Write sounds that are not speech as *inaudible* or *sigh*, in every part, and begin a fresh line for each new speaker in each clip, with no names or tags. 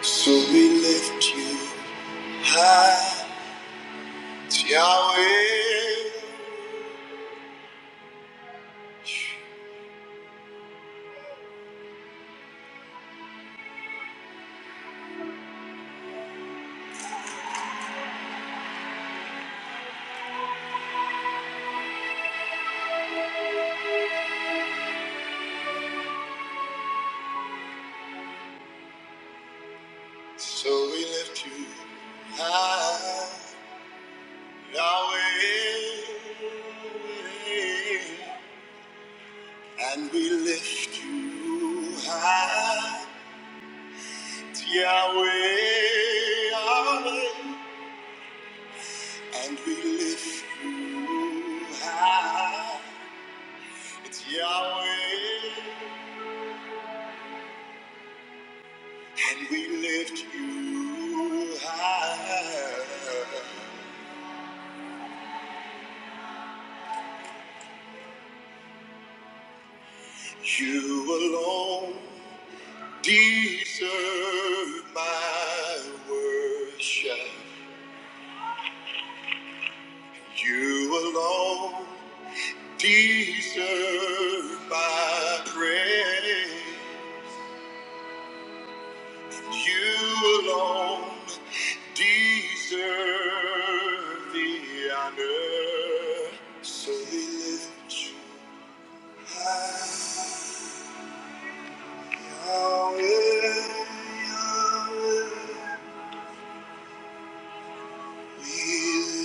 So we lift you high, Yahweh. So we lift you high, Yahweh. And we lift you high, Yahweh. Yahweh. And we lift you high, Yahweh. And we lift you high. You alone deserve my worship. You alone deserve my praise. You alone deserve the honor. So we lift you high. Yahweh, Yahweh, you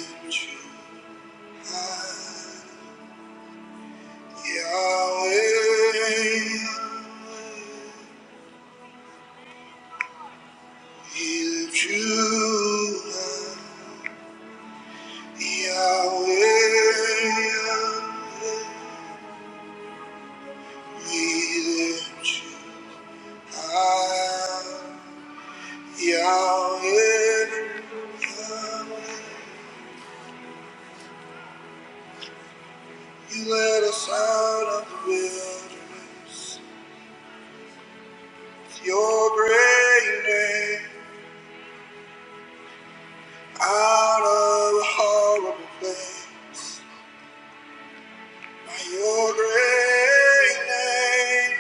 led us out of the wilderness. Your great name out of a horrible place. By your great name,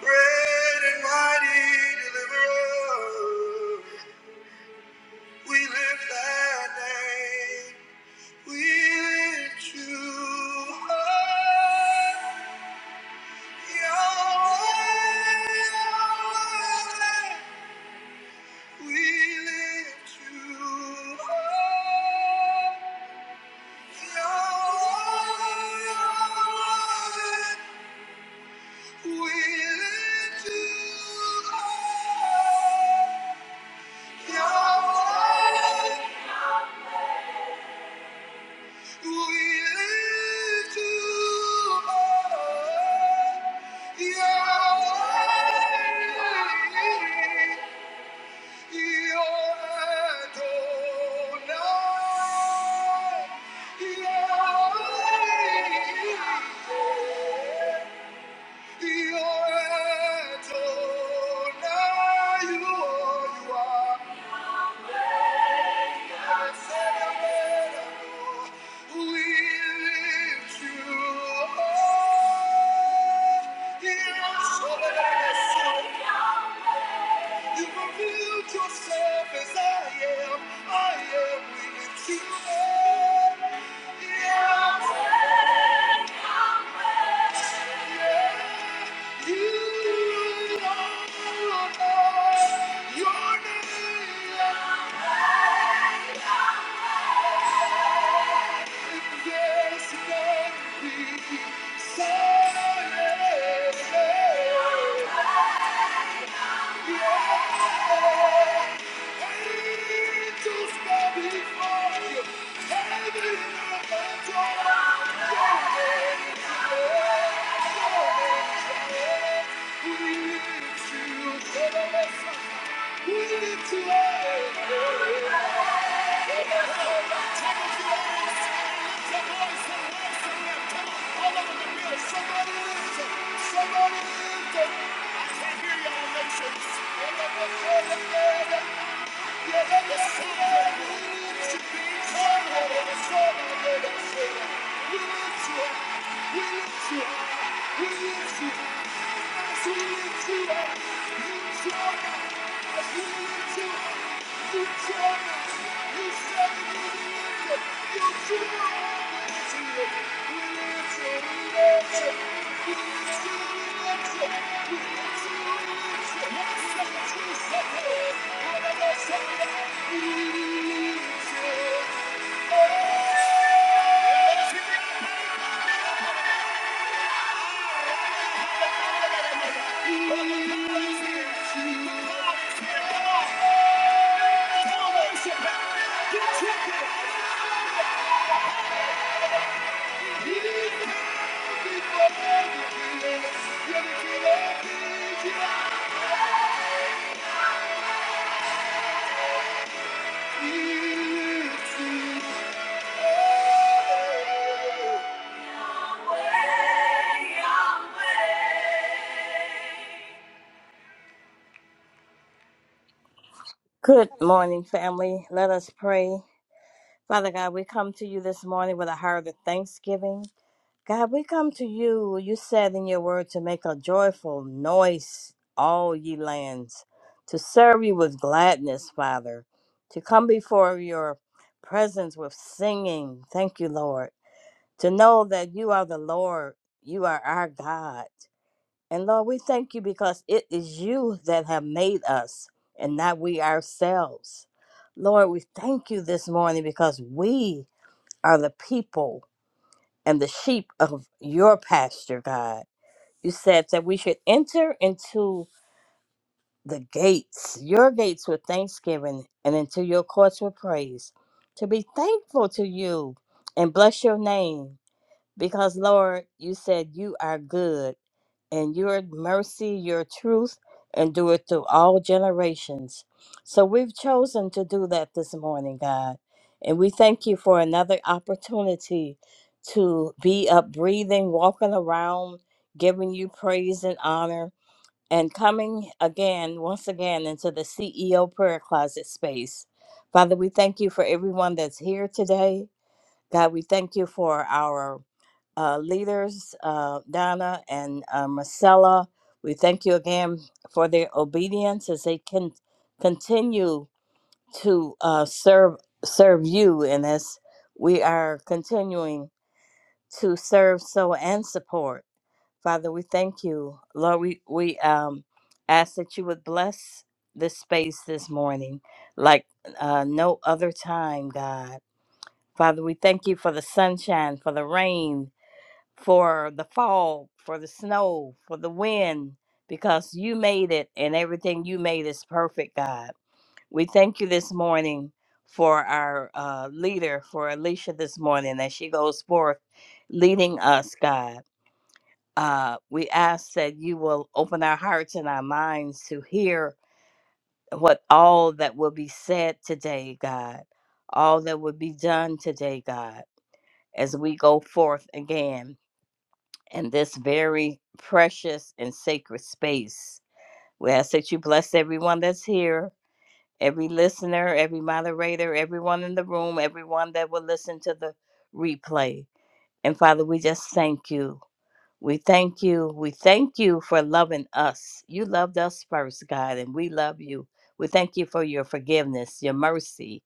great and mighty deliverer, we lift that name. We lift you high. Yahweh, Yahweh, we lift you high. Yeah. You revealed yourself as I am. I am with you. Yeah. You alone are Lord. your name. We need to live. Somebody, somebody, somebody, come lift it. I can't hear y'all nations. Thank you.
Good morning, family. Let us pray. Father God, we come to you this morning with a heart of thanksgiving. God, we come to you. You said in your word to make a joyful noise, all ye lands, to serve you with gladness, Father, to come before your presence with singing. Thank you, Lord. To know that you are the Lord, you are our God. And Lord, we thank you because it is you that have made us and not we ourselves. Lord, we thank you this morning because we are the people and the sheep of your pasture, God. You said that we should enter into the gates, your gates with thanksgiving and into your courts with praise, to be thankful to you and bless your name because Lord, you said you are good and your mercy, your truth, endureth through all generations. So we've chosen to do that this morning, God. And we thank you for another opportunity to be up breathing, walking around, giving you praise and honor, and coming again, once again, into the CEO prayer closet space. Father, we thank you for everyone that's here today. God, we thank you for our uh, leaders, uh, Donna and uh, Marcella. We thank you again for their obedience as they can continue to uh, serve serve you, and as we are continuing to serve, so and support. Father, we thank you, Lord. We we um, ask that you would bless this space this morning, like uh, no other time, God. Father, we thank you for the sunshine, for the rain, for the fog, for the snow, for the wind, because you made it and everything you made is perfect, God. We thank you this morning for our uh, leader, for Alicia this morning, as she goes forth leading us, God. Uh, we ask that you will open our hearts and our minds to hear what all that will be said today, God, all that will be done today, God, as we go forth again in this very precious and sacred space. We ask that you bless everyone that's here, every listener, every moderator, everyone in the room, everyone that will listen to the replay. And Father, we just thank you. We thank you. We thank you for loving us. You loved us first, God, and we love you. We thank you for your forgiveness, your mercy.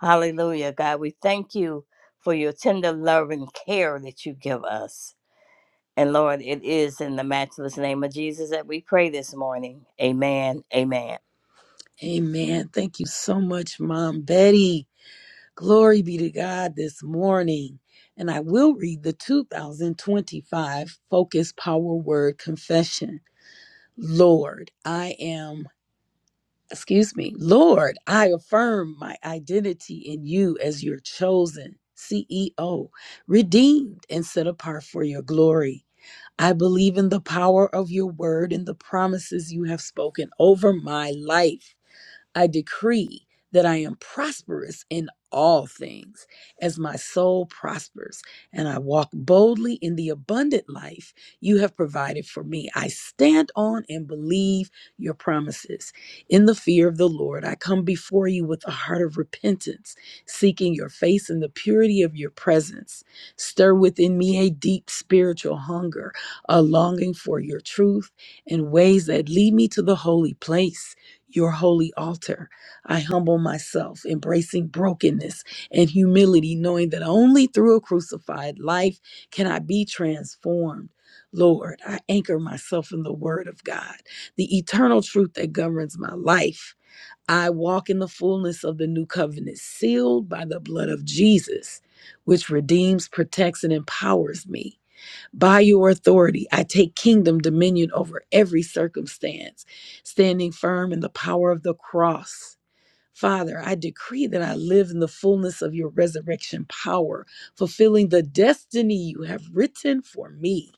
Hallelujah, God. We thank you for your tender love and care that you give us. And Lord, it is in the matchless name of Jesus that we pray this morning. Amen. Amen.
Amen. Thank you so much, Mom Betty. Glory be to God this morning. And I will read the 2025 Focus Power Word Confession. Lord, I am, excuse me, Lord, I affirm my identity in you as your chosen CEO, redeemed and set apart for your glory. I believe in the power of your word and the promises you have spoken over my life. I decree that I am prosperous in all things as my soul prospers, and I walk boldly in the abundant life you have provided for me. I stand on and believe your promises. In the fear of the Lord, I come before you with a heart of repentance, seeking your face and the purity of your presence. Stir within me a deep spiritual hunger, a longing for your truth and ways that lead me to the holy place your holy altar. I humble myself, embracing brokenness and humility, knowing that only through a crucified life can I be transformed. Lord, I anchor myself in the Word of God, the eternal truth that governs my life. I walk in the fullness of the new covenant, sealed by the blood of Jesus, which redeems, protects, and empowers me. By your authority, I take kingdom dominion over every circumstance, standing firm in the power of the cross. Father, I decree that I live in the fullness of your resurrection power, fulfilling the destiny you have written for me.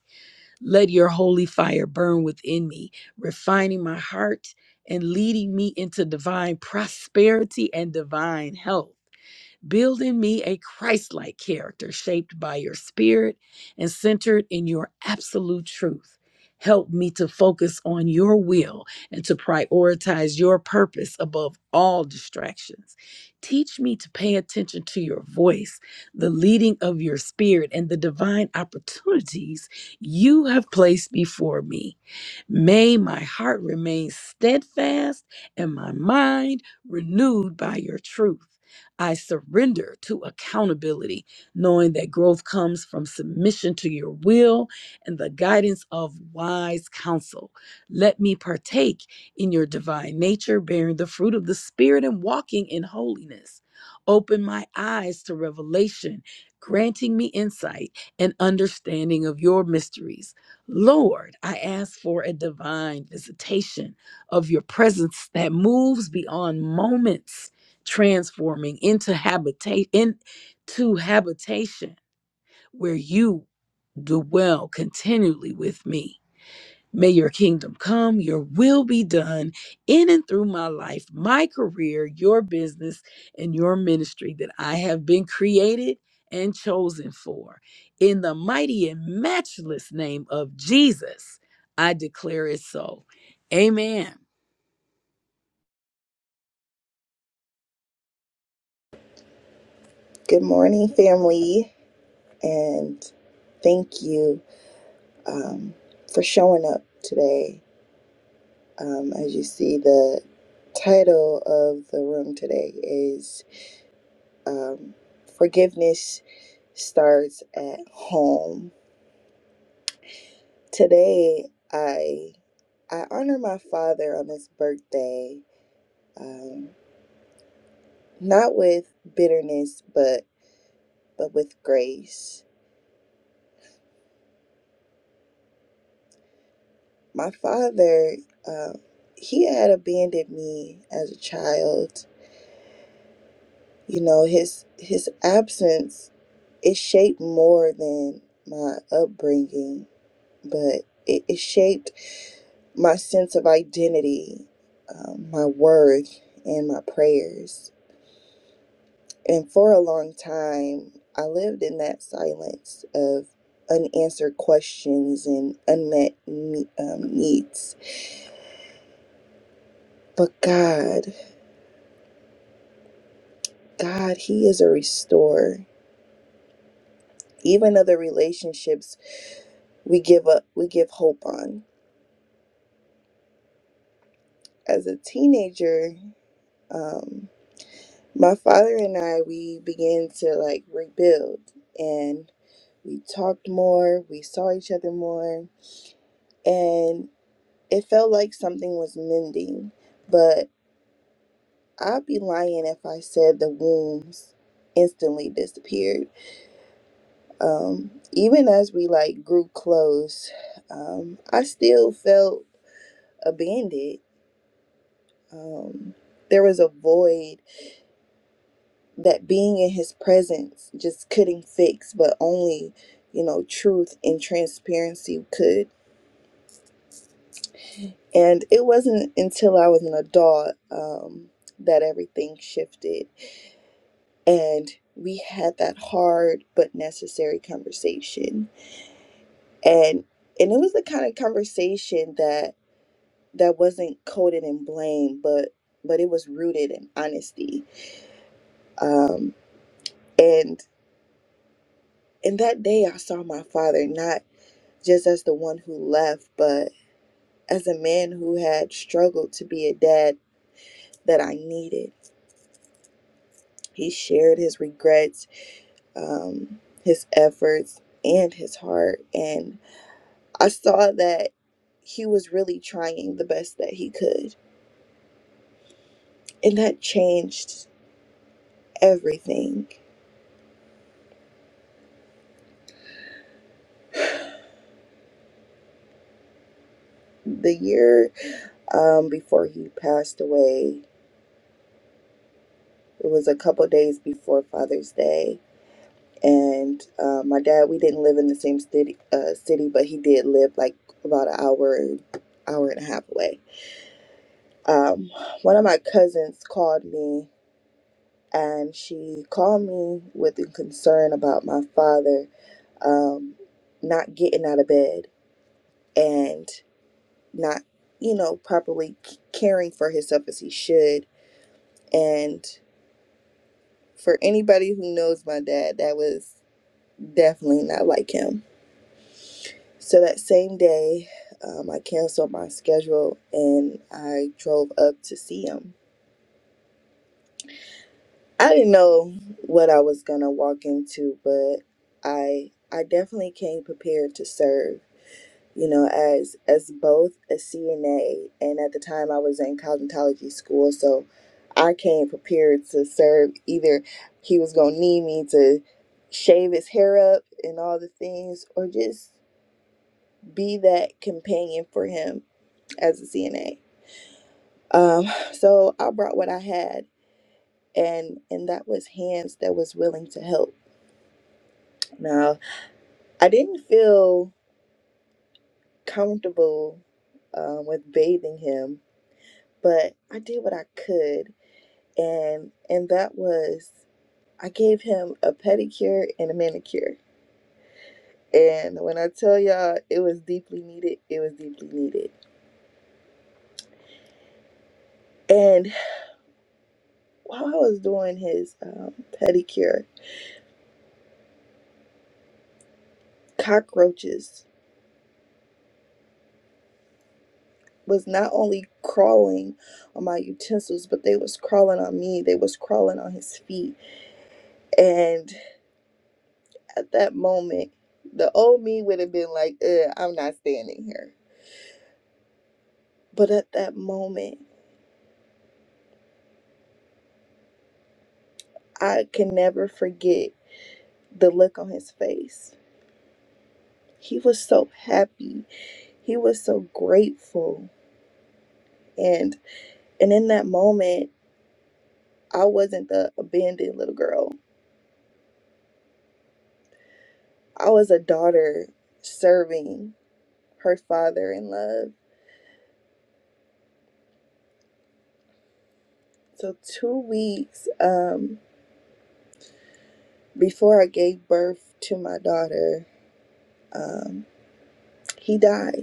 Let your holy fire burn within me, refining my heart and leading me into divine prosperity and divine health. Build in me a Christ like character shaped by your spirit and centered in your absolute truth. Help me to focus on your will and to prioritize your purpose above all distractions. Teach me to pay attention to your voice, the leading of your spirit, and the divine opportunities you have placed before me. May my heart remain steadfast and my mind renewed by your truth. I surrender to accountability, knowing that growth comes from submission to your will and the guidance of wise counsel. Let me partake in your divine nature, bearing the fruit of the Spirit and walking in holiness. Open my eyes to revelation, granting me insight and understanding of your mysteries. Lord, I ask for a divine visitation of your presence that moves beyond moments transforming into habitation into habitation where you dwell continually with me may your kingdom come your will be done in and through my life my career your business and your ministry that i have been created and chosen for in the mighty and matchless name of jesus i declare it so amen
Good morning, family, and thank you um, for showing up today. Um, as you see, the title of the room today is. um, forgiveness starts at home. Today, I I honor my father on his birthday, um, not with bitterness, but but with grace. My father, uh, he had abandoned me as a child. You know, his his absence it shaped more than my upbringing, but it, it shaped my sense of identity, um, my work, and my prayers. And for a long time, I lived in that silence of unanswered questions and unmet ne- um, needs. But God, God, He is a restorer, even of the relationships we give up, we give hope on. As a teenager, um, my father and I, we began to like rebuild and. we talked more, we saw each other more, and it felt like something was mending. But I'd be lying if I said the wounds instantly disappeared. Um, even as we like grew close, um, I still felt abandoned. Um, there was a void that being in his presence just couldn't fix, but only, you know, truth and transparency could. And it wasn't until I was an adult um, that everything shifted. And we had that hard but necessary conversation. And and it was the kind of conversation that that wasn't coded in blame, but but it was rooted in honesty. Um, and and that day I saw my father not just as the one who left, but as a man who had struggled to be a dad that I needed. He shared his regrets um, his efforts and his heart. And I saw that he was really trying the best that he could. And that changed everything. The year um, before he passed away, it was a couple days before Father's Day. And uh, my dad, we didn't live in the same city, uh, city, but he did live like about an hour, hour and a half away. Um, one of my cousins called me and she called me with a concern about my father um, not getting out of bed and not, you know, properly c- caring for himself as he should. And for anybody who knows my dad, that was definitely not like him. So that same day, um, I canceled my schedule and I drove up to see him I didn't know what I was gonna walk into, but I I definitely came prepared to serve. You know, as as both a CNA and at the time I was in cosmetology school, so I came prepared to serve. Either he was gonna need me to shave his hair up and all the things, or just be that companion for him as a CNA. Um, so I brought what I had, and and that was hands that was willing to help Now I didn't feel comfortable um, with bathing him, but I did what I could, and and that was I gave him a pedicure and a manicure. And when I tell y'all, it was deeply needed. It was deeply needed. And while I was doing his um, pedicure, cockroaches was not only crawling on my utensils, but they was crawling on me. They was crawling on his feet, and at that moment, the old me would have been like, Ugh, I'm not standing here. But at that moment, I can never forget the look on his face. He was so happy. He was so grateful. And and in that moment, I wasn't the abandoned little girl. I was a daughter serving her father in love. So two weeks um before I gave birth to my daughter, um, he died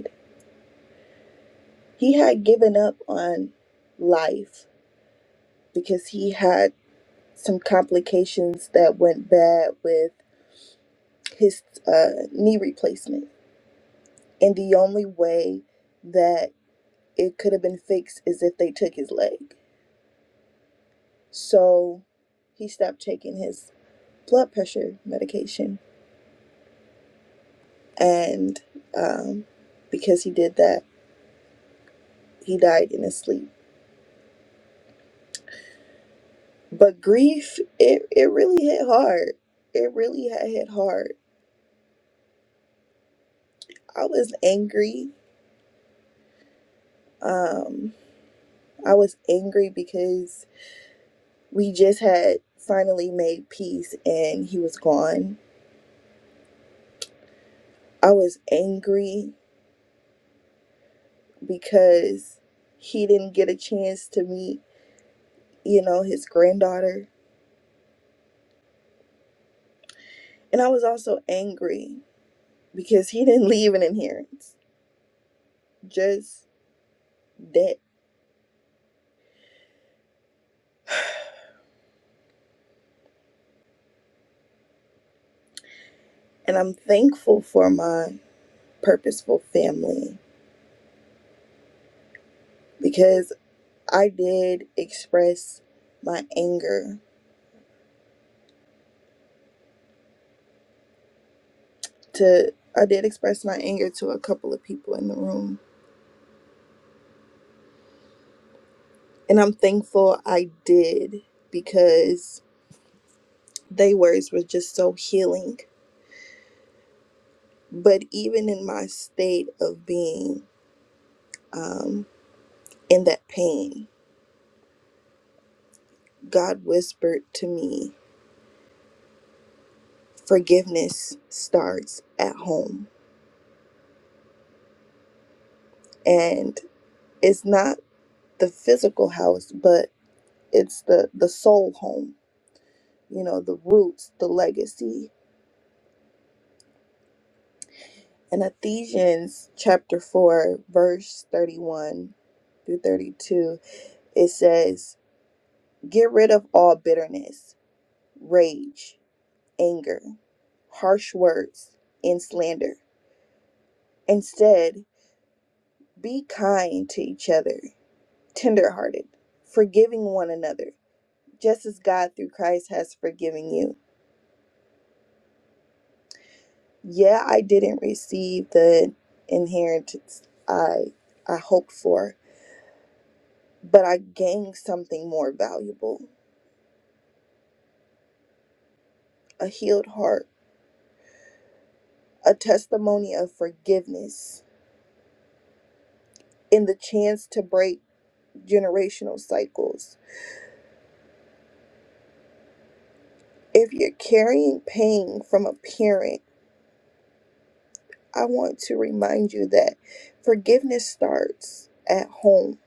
He had given up on life because he had some complications that went bad with his uh, knee replacement. And the only way that it could have been fixed is if they took his leg. So he stopped taking his blood pressure medication. And um, because he did that, he died in his sleep. But grief, it, it really hit hard. It really had hit hard. I was angry um i was angry because we just had finally made peace and he was gone i was angry because he didn't get a chance to meet you know his granddaughter and i was also angry because he didn't *laughs* leave an inheritance just that and i'm thankful for my purposeful family because i did express my anger to I did express my anger to a couple of people in the room. And I'm thankful I did because they words were just so healing. But even in my state of being um, in that pain, God whispered to me, forgiveness starts at home. And it's not the physical house, but it's the, the soul home, you know, the roots, the legacy In Ephesians chapter 4, verse 31 through 32, it says, Get rid of all bitterness, rage, anger, harsh words, and slander. Instead, be kind to each other, tenderhearted, forgiving one another, just as God through Christ has forgiven you. Yeah, I didn't receive the inheritance I I hoped for, but I gained something more valuable. a healed heart, a testimony of forgiveness, and the chance to break generational cycles. If you're carrying pain from a parent, I want to remind you that forgiveness starts at home,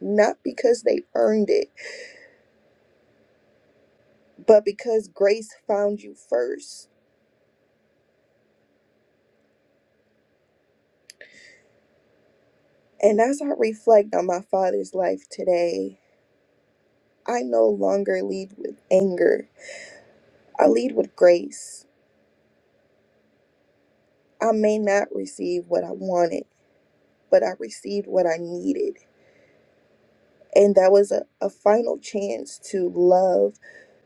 not because they earned it, but because grace found you first. And as I reflect on my father's life today, I no longer lead with anger. I lead with grace. I may not receive what I wanted but I received what I needed. And that was a, a final chance to love,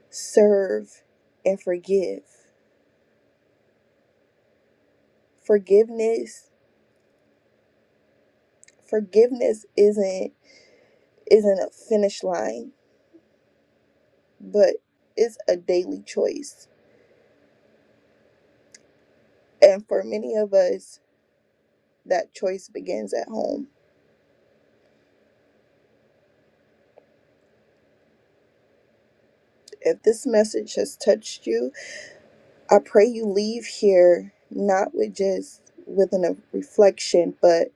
serve, and forgive. Forgiveness forgiveness isn't isn't a finish line, but it's a daily choice. And for many of us, that choice begins at home. If this message has touched you, I pray you leave here not with just with an, a reflection, but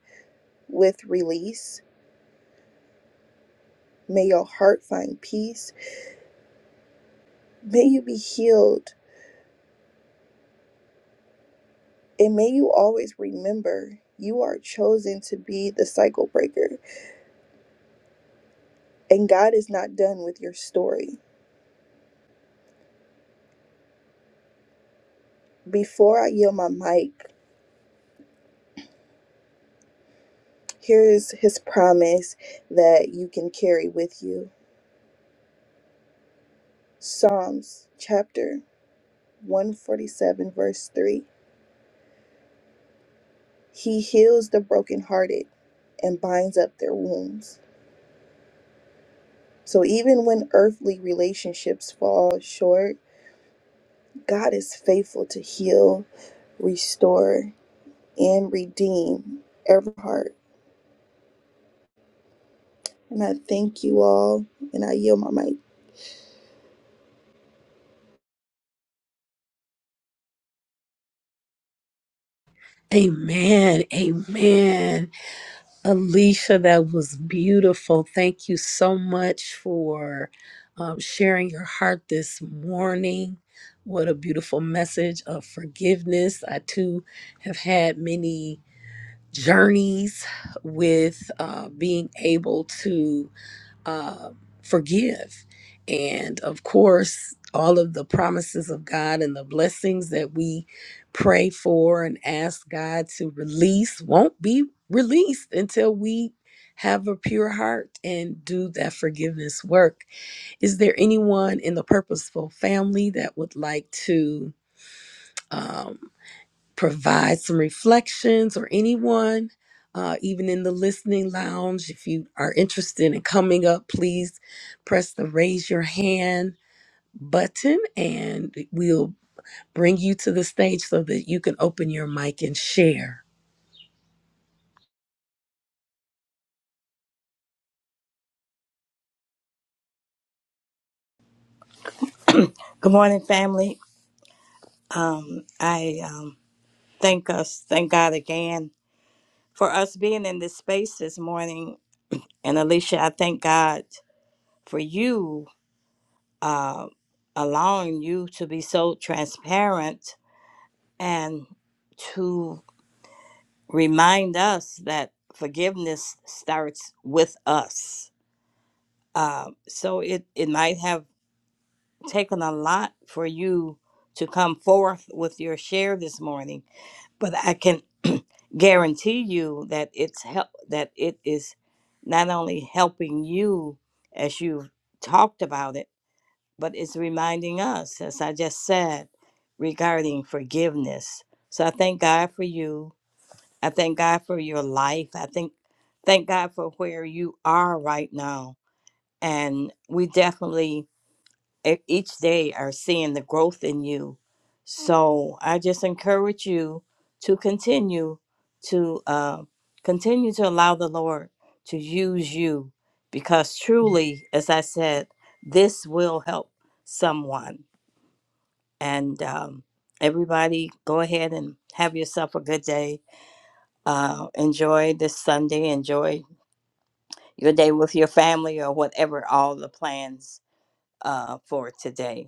with release. May your heart find peace May you be healed and may you always remember you are chosen to be the cycle breaker and God is not done with your story. Before I yield my mic, here's his promise that you can carry with you Psalms chapter 147, verse 3. He heals the brokenhearted and binds up their wounds. So even when earthly relationships fall short, God is faithful to heal, restore, and redeem every heart. And I thank you all, and I yield my mic.
amen amen Alicia, that was beautiful. Thank you so much for um, sharing your heart this morning. What a beautiful message of forgiveness. I too have had many journeys with uh, being able to uh, forgive. And of course, all of the promises of God and the blessings that we pray for and ask God to release won't be released until we have a pure heart and do that forgiveness work. Is there anyone in the purposeful family that would like to? um, provide some reflections or anyone, uh, even in the listening lounge, if you are interested in coming up, please press the raise your hand button and we'll bring you to the stage so that you can open your mic and share.
Good morning, family. Um, I um, thank us, thank God again for us being in this space this morning. And Alicia, I thank God for you uh, allowing you to be so transparent and to remind us that forgiveness starts with us. Uh, so it, it might have taken a lot for you to come forth with your share this morning, but I can *clears throat* guarantee you that it's help that it is not only helping you as you've talked about it, but it's reminding us, as I just said, regarding forgiveness. So I thank God for you. I thank God for your life. I think thank God for where you are right now. And we definitely e- each day are seeing the growth in you. So I just encourage you to continue to uh, continue to allow the Lord to use you, because truly, as I said, this will help someone. And um, everybody, go ahead and have yourself a good day. Uh, enjoy this Sunday. Enjoy your day with your family or whatever all the plans uh, for today.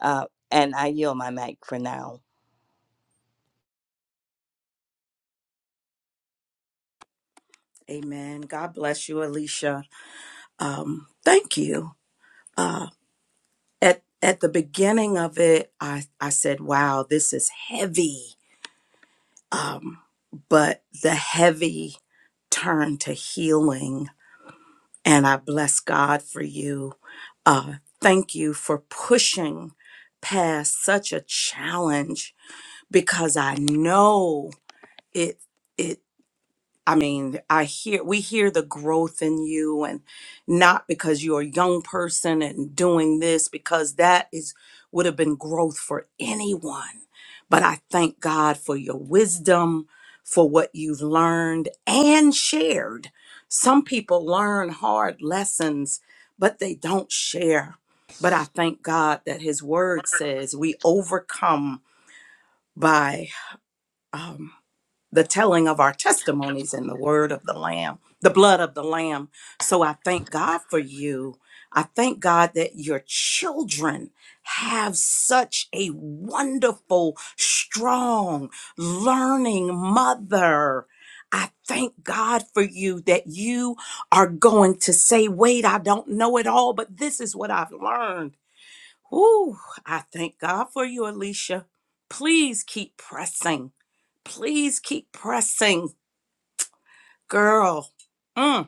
Uh, and I yield my mic for now.
Amen. God bless you, Alicia. Um, thank you. Uh, at at the beginning of it, I I said, "Wow, this is heavy." Um, but the heavy turned to healing, and I bless God for you. Uh, thank you for pushing past such a challenge because I know it. It I mean, I hear we hear the growth in you and not because you're a young person and doing this because that is would have been growth for anyone. But I thank God for your wisdom, for what you've learned and shared. Some people learn hard lessons, but they don't share. But I thank God that his word says we overcome by um, the telling of our testimonies and the word of the Lamb, the blood of the Lamb. So I thank
Hi,
God for you. I thank God that your children have such a wonderful, strong, learning mother. I thank God for you that you are going to say, Wait, I don't know it all, but this is what I've learned. Ooh, I thank God for you, Alicia. Please keep pressing. Please keep pressing, girl. Mm,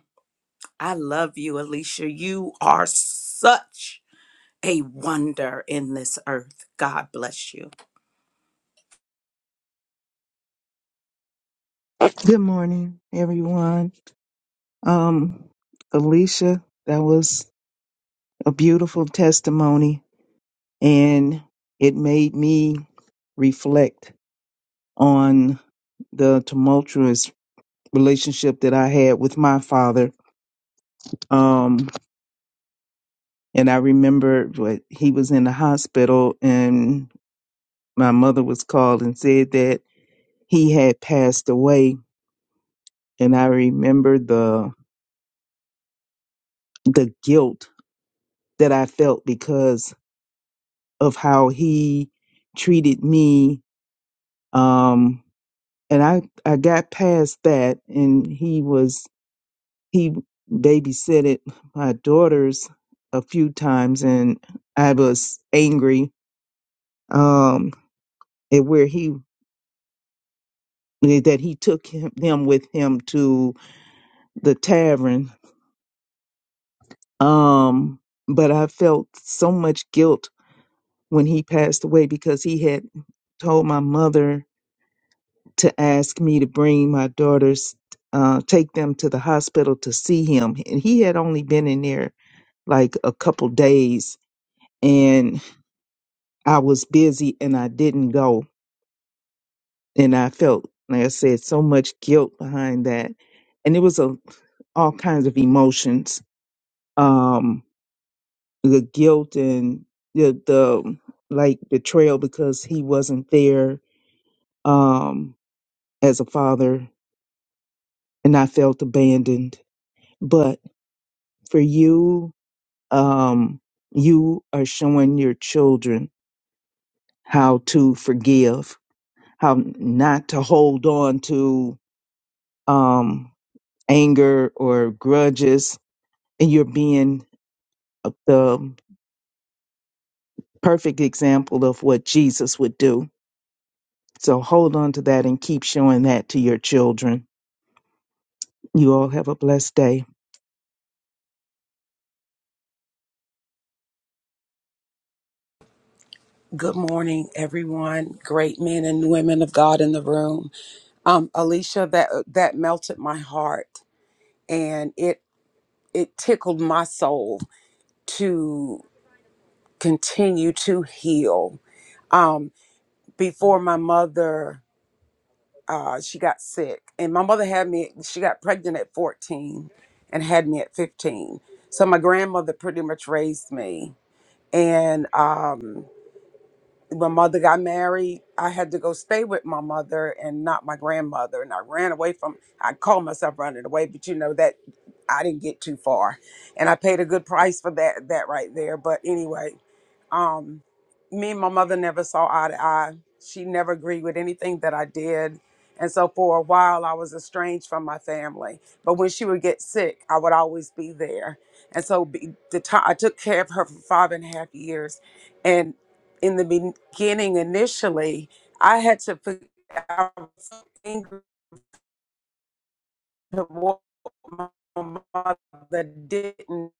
I love you, Alicia. You are such a wonder in this earth. God bless you.
Good morning, everyone. Um, Alicia, that was a beautiful testimony, and it made me reflect on the tumultuous relationship that I had with my father. Um, and I remember what he was in the hospital, and my mother was called and said that he had passed away. And I remember the the guilt that I felt because of how he treated me um and i i got past that and he was he babysitted my daughters a few times and i was angry um at where he that he took him, them with him to the tavern um but i felt so much guilt when he passed away because he had told my mother to ask me to bring my daughters, uh, take them to the hospital to see him. And he had only been in there like a couple days, and I was busy and I didn't go. And I felt, like I said, so much guilt behind that. And it was a, all kinds of emotions um, the guilt and the, the like betrayal because he wasn't there um, as a father, and I felt abandoned. But for you um, you are showing your children how to forgive, how not to hold on to um, anger or grudges, and you're being a- the perfect example of what Jesus would do. So hold on to that and keep showing that to your children. You all have a blessed day.
Good morning, everyone. Great men and women of God in the room. Um, Alicia, that that melted my heart, and it it tickled my soul to continue to heal. Um, before my mother, uh, she got sick, and my mother had me. She got pregnant at fourteen, and had me at fifteen. So my grandmother pretty much raised me, and um, my mother got married, I had to go stay with my mother and not my grandmother. And I ran away from, I called myself running away, but you know, that I didn't get too far. And I paid a good price for that, that right there. But anyway, um, me and my mother never saw eye to eye. She never agreed with anything that I did. And so for a while, I was estranged from my family. But when she would get sick, I would always be there. And so be, the time I took care of her for five and a half years. And in the beginning, initially, I had to forget to what my mother didn't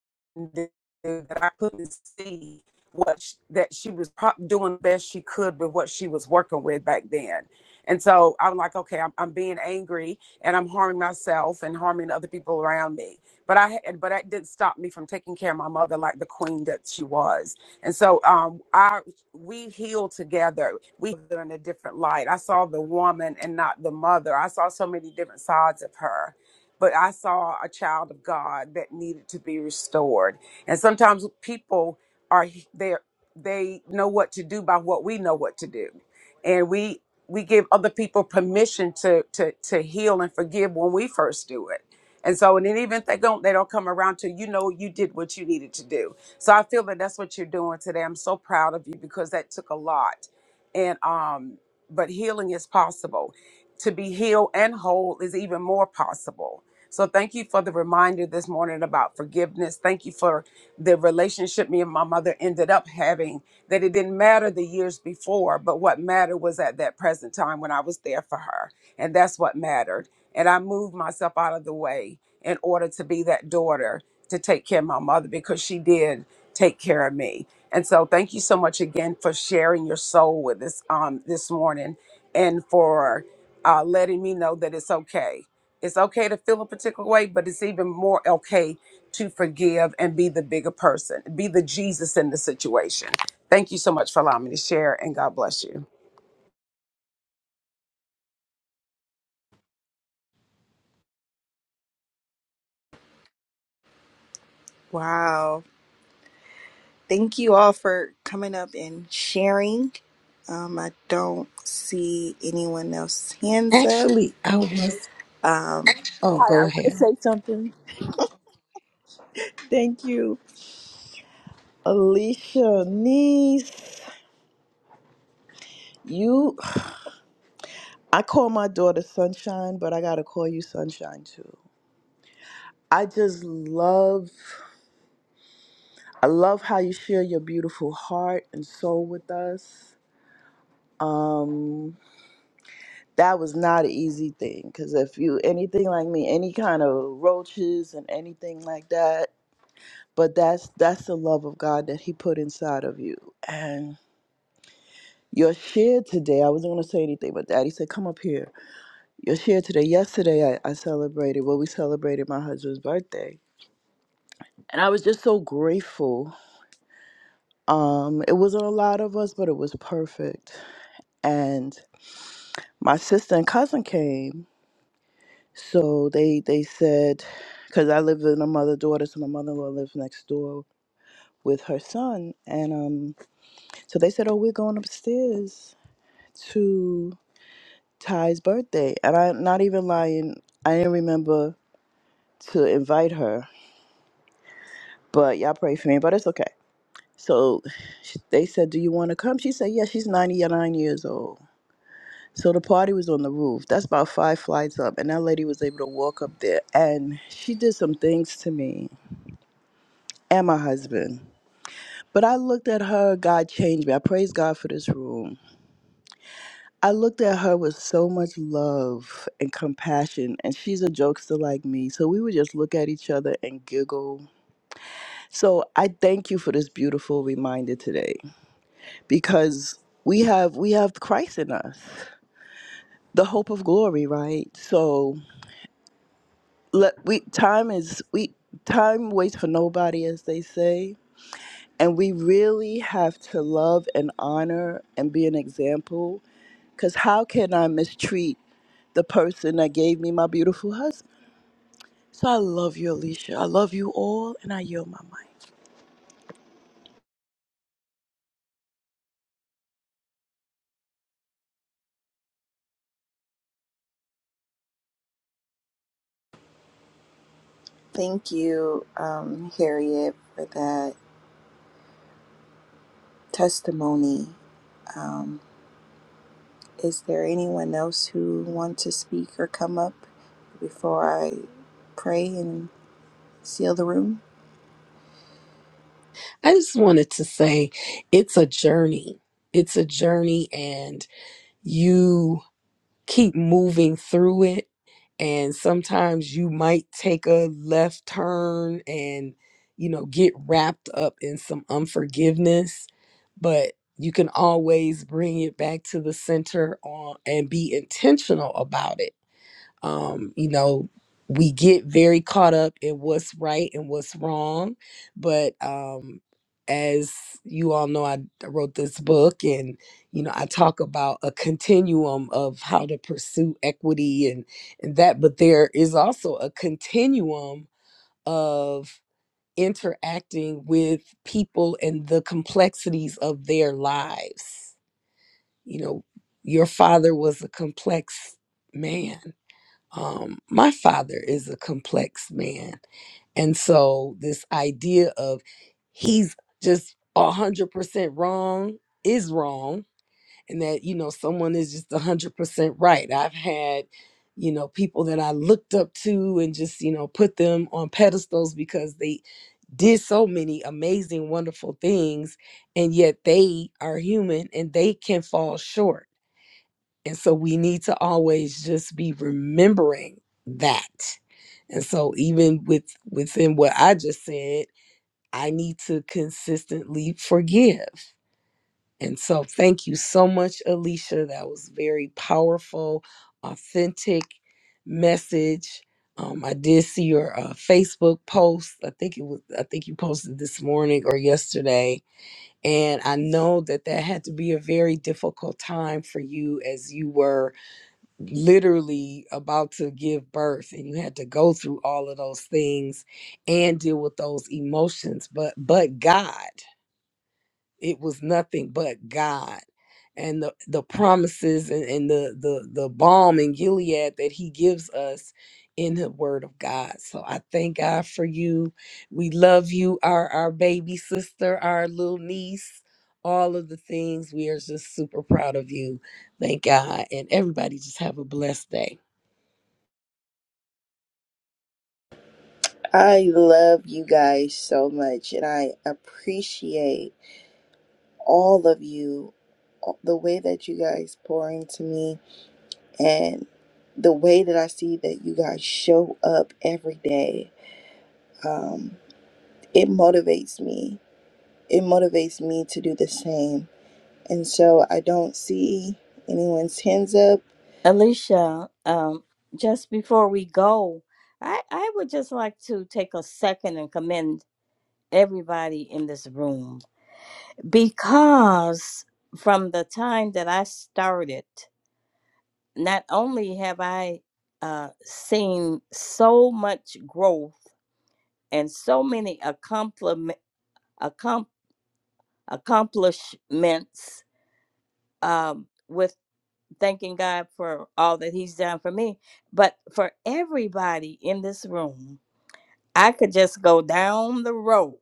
do that I couldn't see what sh- that she was doing the best she could with what she was working with back then. And so I'm like, okay, I'm, I'm being angry and I'm harming myself and harming other people around me. But I had, but that didn't stop me from taking care of my mother like the queen that she was. And so um, I we healed together. We were in a different light. I saw the woman and not the mother. I saw so many different sides of her but I saw a child of God that needed to be restored. And sometimes people are they they know what to do by what we know what to do, and we we give other people permission to to to heal and forgive when we first do it. And so, and then even if they don't, they don't come around till you know you did what you needed to do. So I feel that that's what you're doing today. I'm so proud of you because that took a lot, and um, but healing is possible. To be healed and whole is even more possible. So thank you for the reminder this morning about forgiveness. Thank you for the relationship me and my mother ended up having that it didn't matter the years before, but what mattered was at that present time when I was there for her. And that's what mattered. And I moved myself out of the way in order to be that daughter to take care of my mother because she did take care of me. And so thank you so much again for sharing your soul with us um this morning and for uh letting me know that it's okay. It's okay to feel a particular way, but it's even more okay to forgive and be the bigger person, be the Jesus in the situation. Thank you so much for allowing me to share and God bless you.
Wow. Thank you all for coming up and sharing. Um, I don't see anyone else hands up.
Actually, I was, oh, go
I want to
ahead.
say something. Thank you, Alicia, niece. You, I call my daughter Sunshine, but I gotta call you Sunshine too. I just love, I love how you share your beautiful heart and soul with us. Um, that was not an easy thing because if you anything like me, any kind of roaches and anything like that, but that's that's the love of God that He put inside of you, and. Your share today, I wasn't going to say anything, but daddy said, come up here. Your share today, yesterday, I, I celebrated, well, we celebrated my husband's birthday. And I was just so grateful. Um, It wasn't a lot of us, but it was perfect. And my sister and cousin came. So they, they said, because I live with a mother daughter, so my mother in law lives next door with her son. And um, so they said, oh, we're going upstairs to Ty's birthday. And I'm not even lying. I didn't remember to invite her, but y'all pray for me, but it's okay. So sh- they said, Do you want to come? She said, Yeah, she's 99 years old. So the party was on the roof. That's about five flights up. And that lady was able to walk up there. And she did some things to me and my husband. But I looked at her, God changed me. I praise God for this room. I looked at her with so much love and compassion. And she's a jokester like me. So we would just look at each other and giggle. So I thank you for this beautiful reminder today because we have we have Christ in us, the hope of glory, right? So let we time is we time waits for nobody, as they say, and we really have to love and honor and be an example. Cause how can I mistreat the person that gave me my beautiful husband? So I love you, Alicia. I love you all, and I yield my mind.
Thank you, um, Harriet, for that testimony. Um, is there anyone else who want to speak or come up before I pray and seal the room?
I just wanted to say it's a journey. It's a journey, and you keep moving through it. And sometimes you might take a left turn and, you know, get wrapped up in some unforgiveness, but you can always bring it back to the center on and be intentional about it um, you know, we get very caught up in what's right and what's wrong. But um, as you all know, I wrote this book and, you know, I talk about a continuum of how to pursue equity and, and that. But there is also a continuum of interacting with people and the complexities of their lives. You know, your father was a complex man um, my father is a complex man. And so this idea of he's just 100% wrong is wrong and that you know someone is just 100% right. I've had you know people that I looked up to and just you know put them on pedestals because they did so many amazing wonderful things and yet they are human and they can fall short and so we need to always just be remembering that. And so even with within what I just said, I need to consistently forgive. And so thank you so much Alicia. That was very powerful, authentic message. Um, I did see your uh, Facebook post. I think it was I think you posted this morning or yesterday. And I know that that had to be a very difficult time for you as you were literally about to give birth and you had to go through all of those things and deal with those emotions but but god it was nothing but god and the, the promises and, and the, the the balm in gilead that he gives us in the word of god so i thank god for you we love you our our baby sister our little niece all of the things we are just super proud of you thank god and everybody just have a blessed day
I love you guys so much, and I appreciate all of you, the way that you guys pour into me, and the way that I see that you guys show up every day. Um, it motivates me. It motivates me to do the same. And so I don't see anyone's hands up.
Alicia, um, just before we go, I, I would just like to take a second and commend everybody in this room because from the time that I started, not only have I uh, seen so much growth and so many accomplishment, accom- accomplishments um, with thanking God for all that He's done for me, but for everybody in this room, I could just go down the road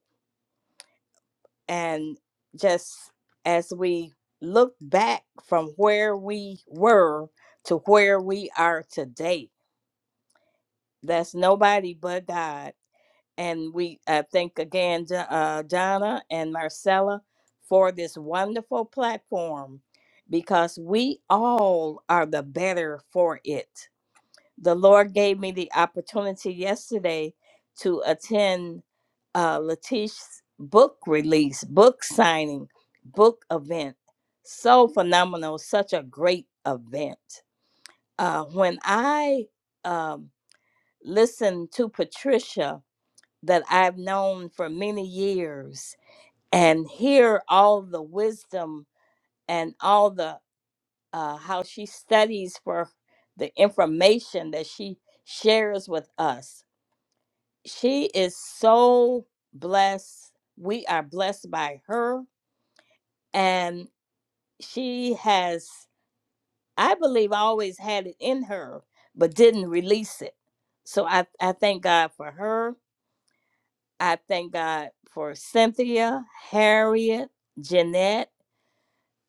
and just as we look back from where we were to where we are today, that's nobody but God. And we I thank again Jo- uh, Donna and Marcella for this wonderful platform because we all are the better for it the Lord gave me the opportunity yesterday to attend uh, Letitia's book release, book signing, book event. So phenomenal, such a great event. Uh, when I um, listened to Patricia, that I've known for many years, and hear all the wisdom and all the uh, how she studies for the information that she shares with us she is so blessed. We are blessed by her. And she has, I believe, always had it in her, but didn't release it. So I, I thank God for her. I thank God for Cynthia, Harriet, Jeanette,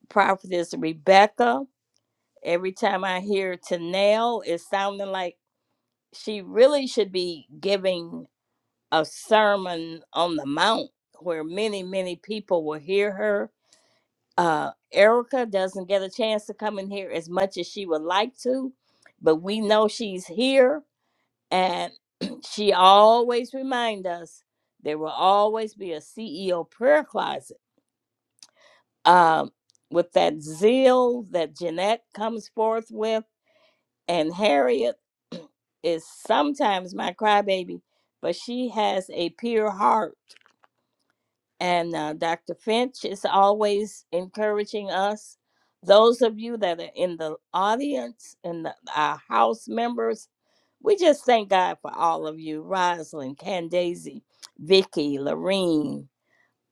Prophetess Rebecca. Every time I hear Tanel, it's sounding like she really should be giving a sermon on the mount where many many people will hear her uh erica doesn't get a chance to come in here as much as she would like to but we know she's here and *clears throat* she always remind us there will always be a ceo prayer closet um with that zeal that jeanette comes forth with and harriet *clears throat* is sometimes my crybaby but she has a pure heart and uh, Dr. Finch is always encouraging us. Those of you that are in the audience and the, our house members, we just thank God for all of you Rosalind, Candace, Vicky, Lorene,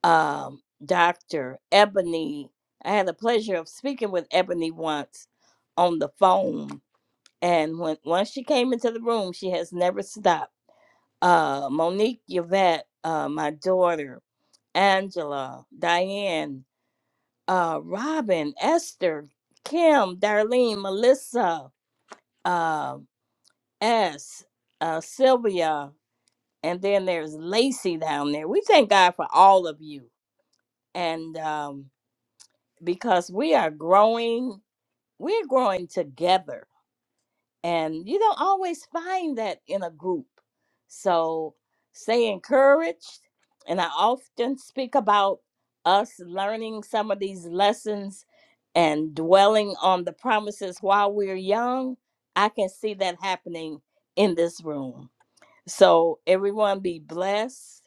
um, Dr. Ebony. I had the pleasure of speaking with Ebony once on the phone. And when once she came into the room, she has never stopped. Uh, Monique Yvette, uh, my daughter, Angela, Diane, uh, Robin, Esther, Kim, Darlene, Melissa, uh, S, uh, Sylvia, and then there's Lacey down there. We thank God for all of you. And um, because we are growing, we're growing together And you don't always find that in a group. So stay encouraged. And I often speak about us learning some of these lessons and dwelling on the promises while we're young. I can see that happening in this room. So everyone be blessed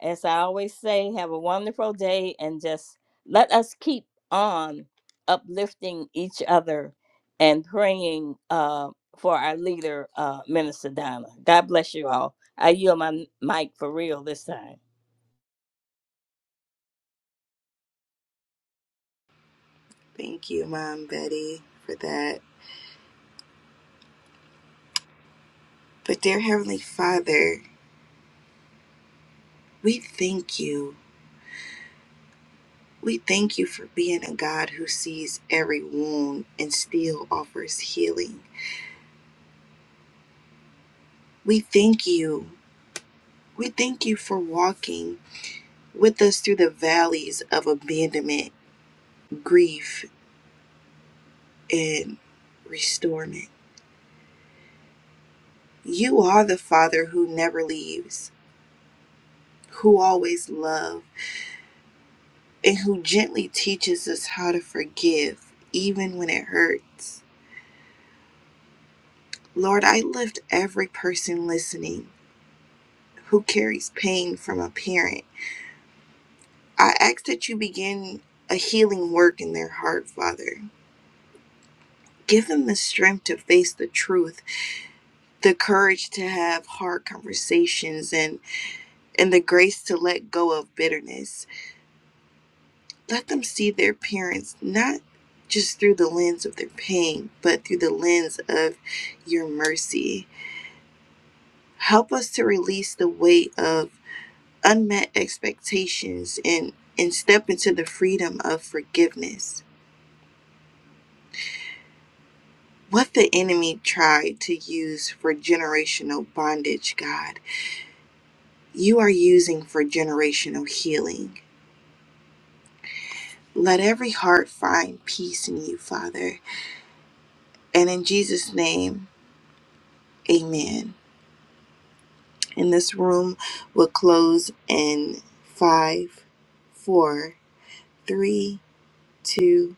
as I always say, have a wonderful day and just let us keep on uplifting each other and praying uh, for our leader, uh, Minister Donna. God bless you all. I yield my mic for real this time.
Thank you, Mom Betty, for that. But, dear Heavenly Father, we thank you. We thank you for being a God who sees every wound and still offers healing. We thank you. We thank you for walking with us through the valleys of abandonment, grief, and restorement. You are the Father who never leaves, who always loves, and who gently teaches us how to forgive even when it hurts. Lord, I lift every person listening who carries pain from a parent I ask that you begin a healing work in their heart, Father. Give them the strength to face the truth, the courage to have hard conversations, and, and the grace to let go of bitterness. Let them see their parents not just through the lens of their pain, but through the lens of your mercy. Help us to release the weight of unmet expectations and, and step into the freedom of forgiveness. what the enemy tried to use for generational bondage, God, you are using for generational healing. Let every heart find peace in you, Father. And in Jesus' name, amen. And this room will close in five, four, three, two,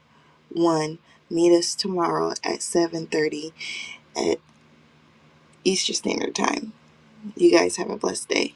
one. Meet us tomorrow at 7:30 at Eastern Standard Time. You guys have a blessed day.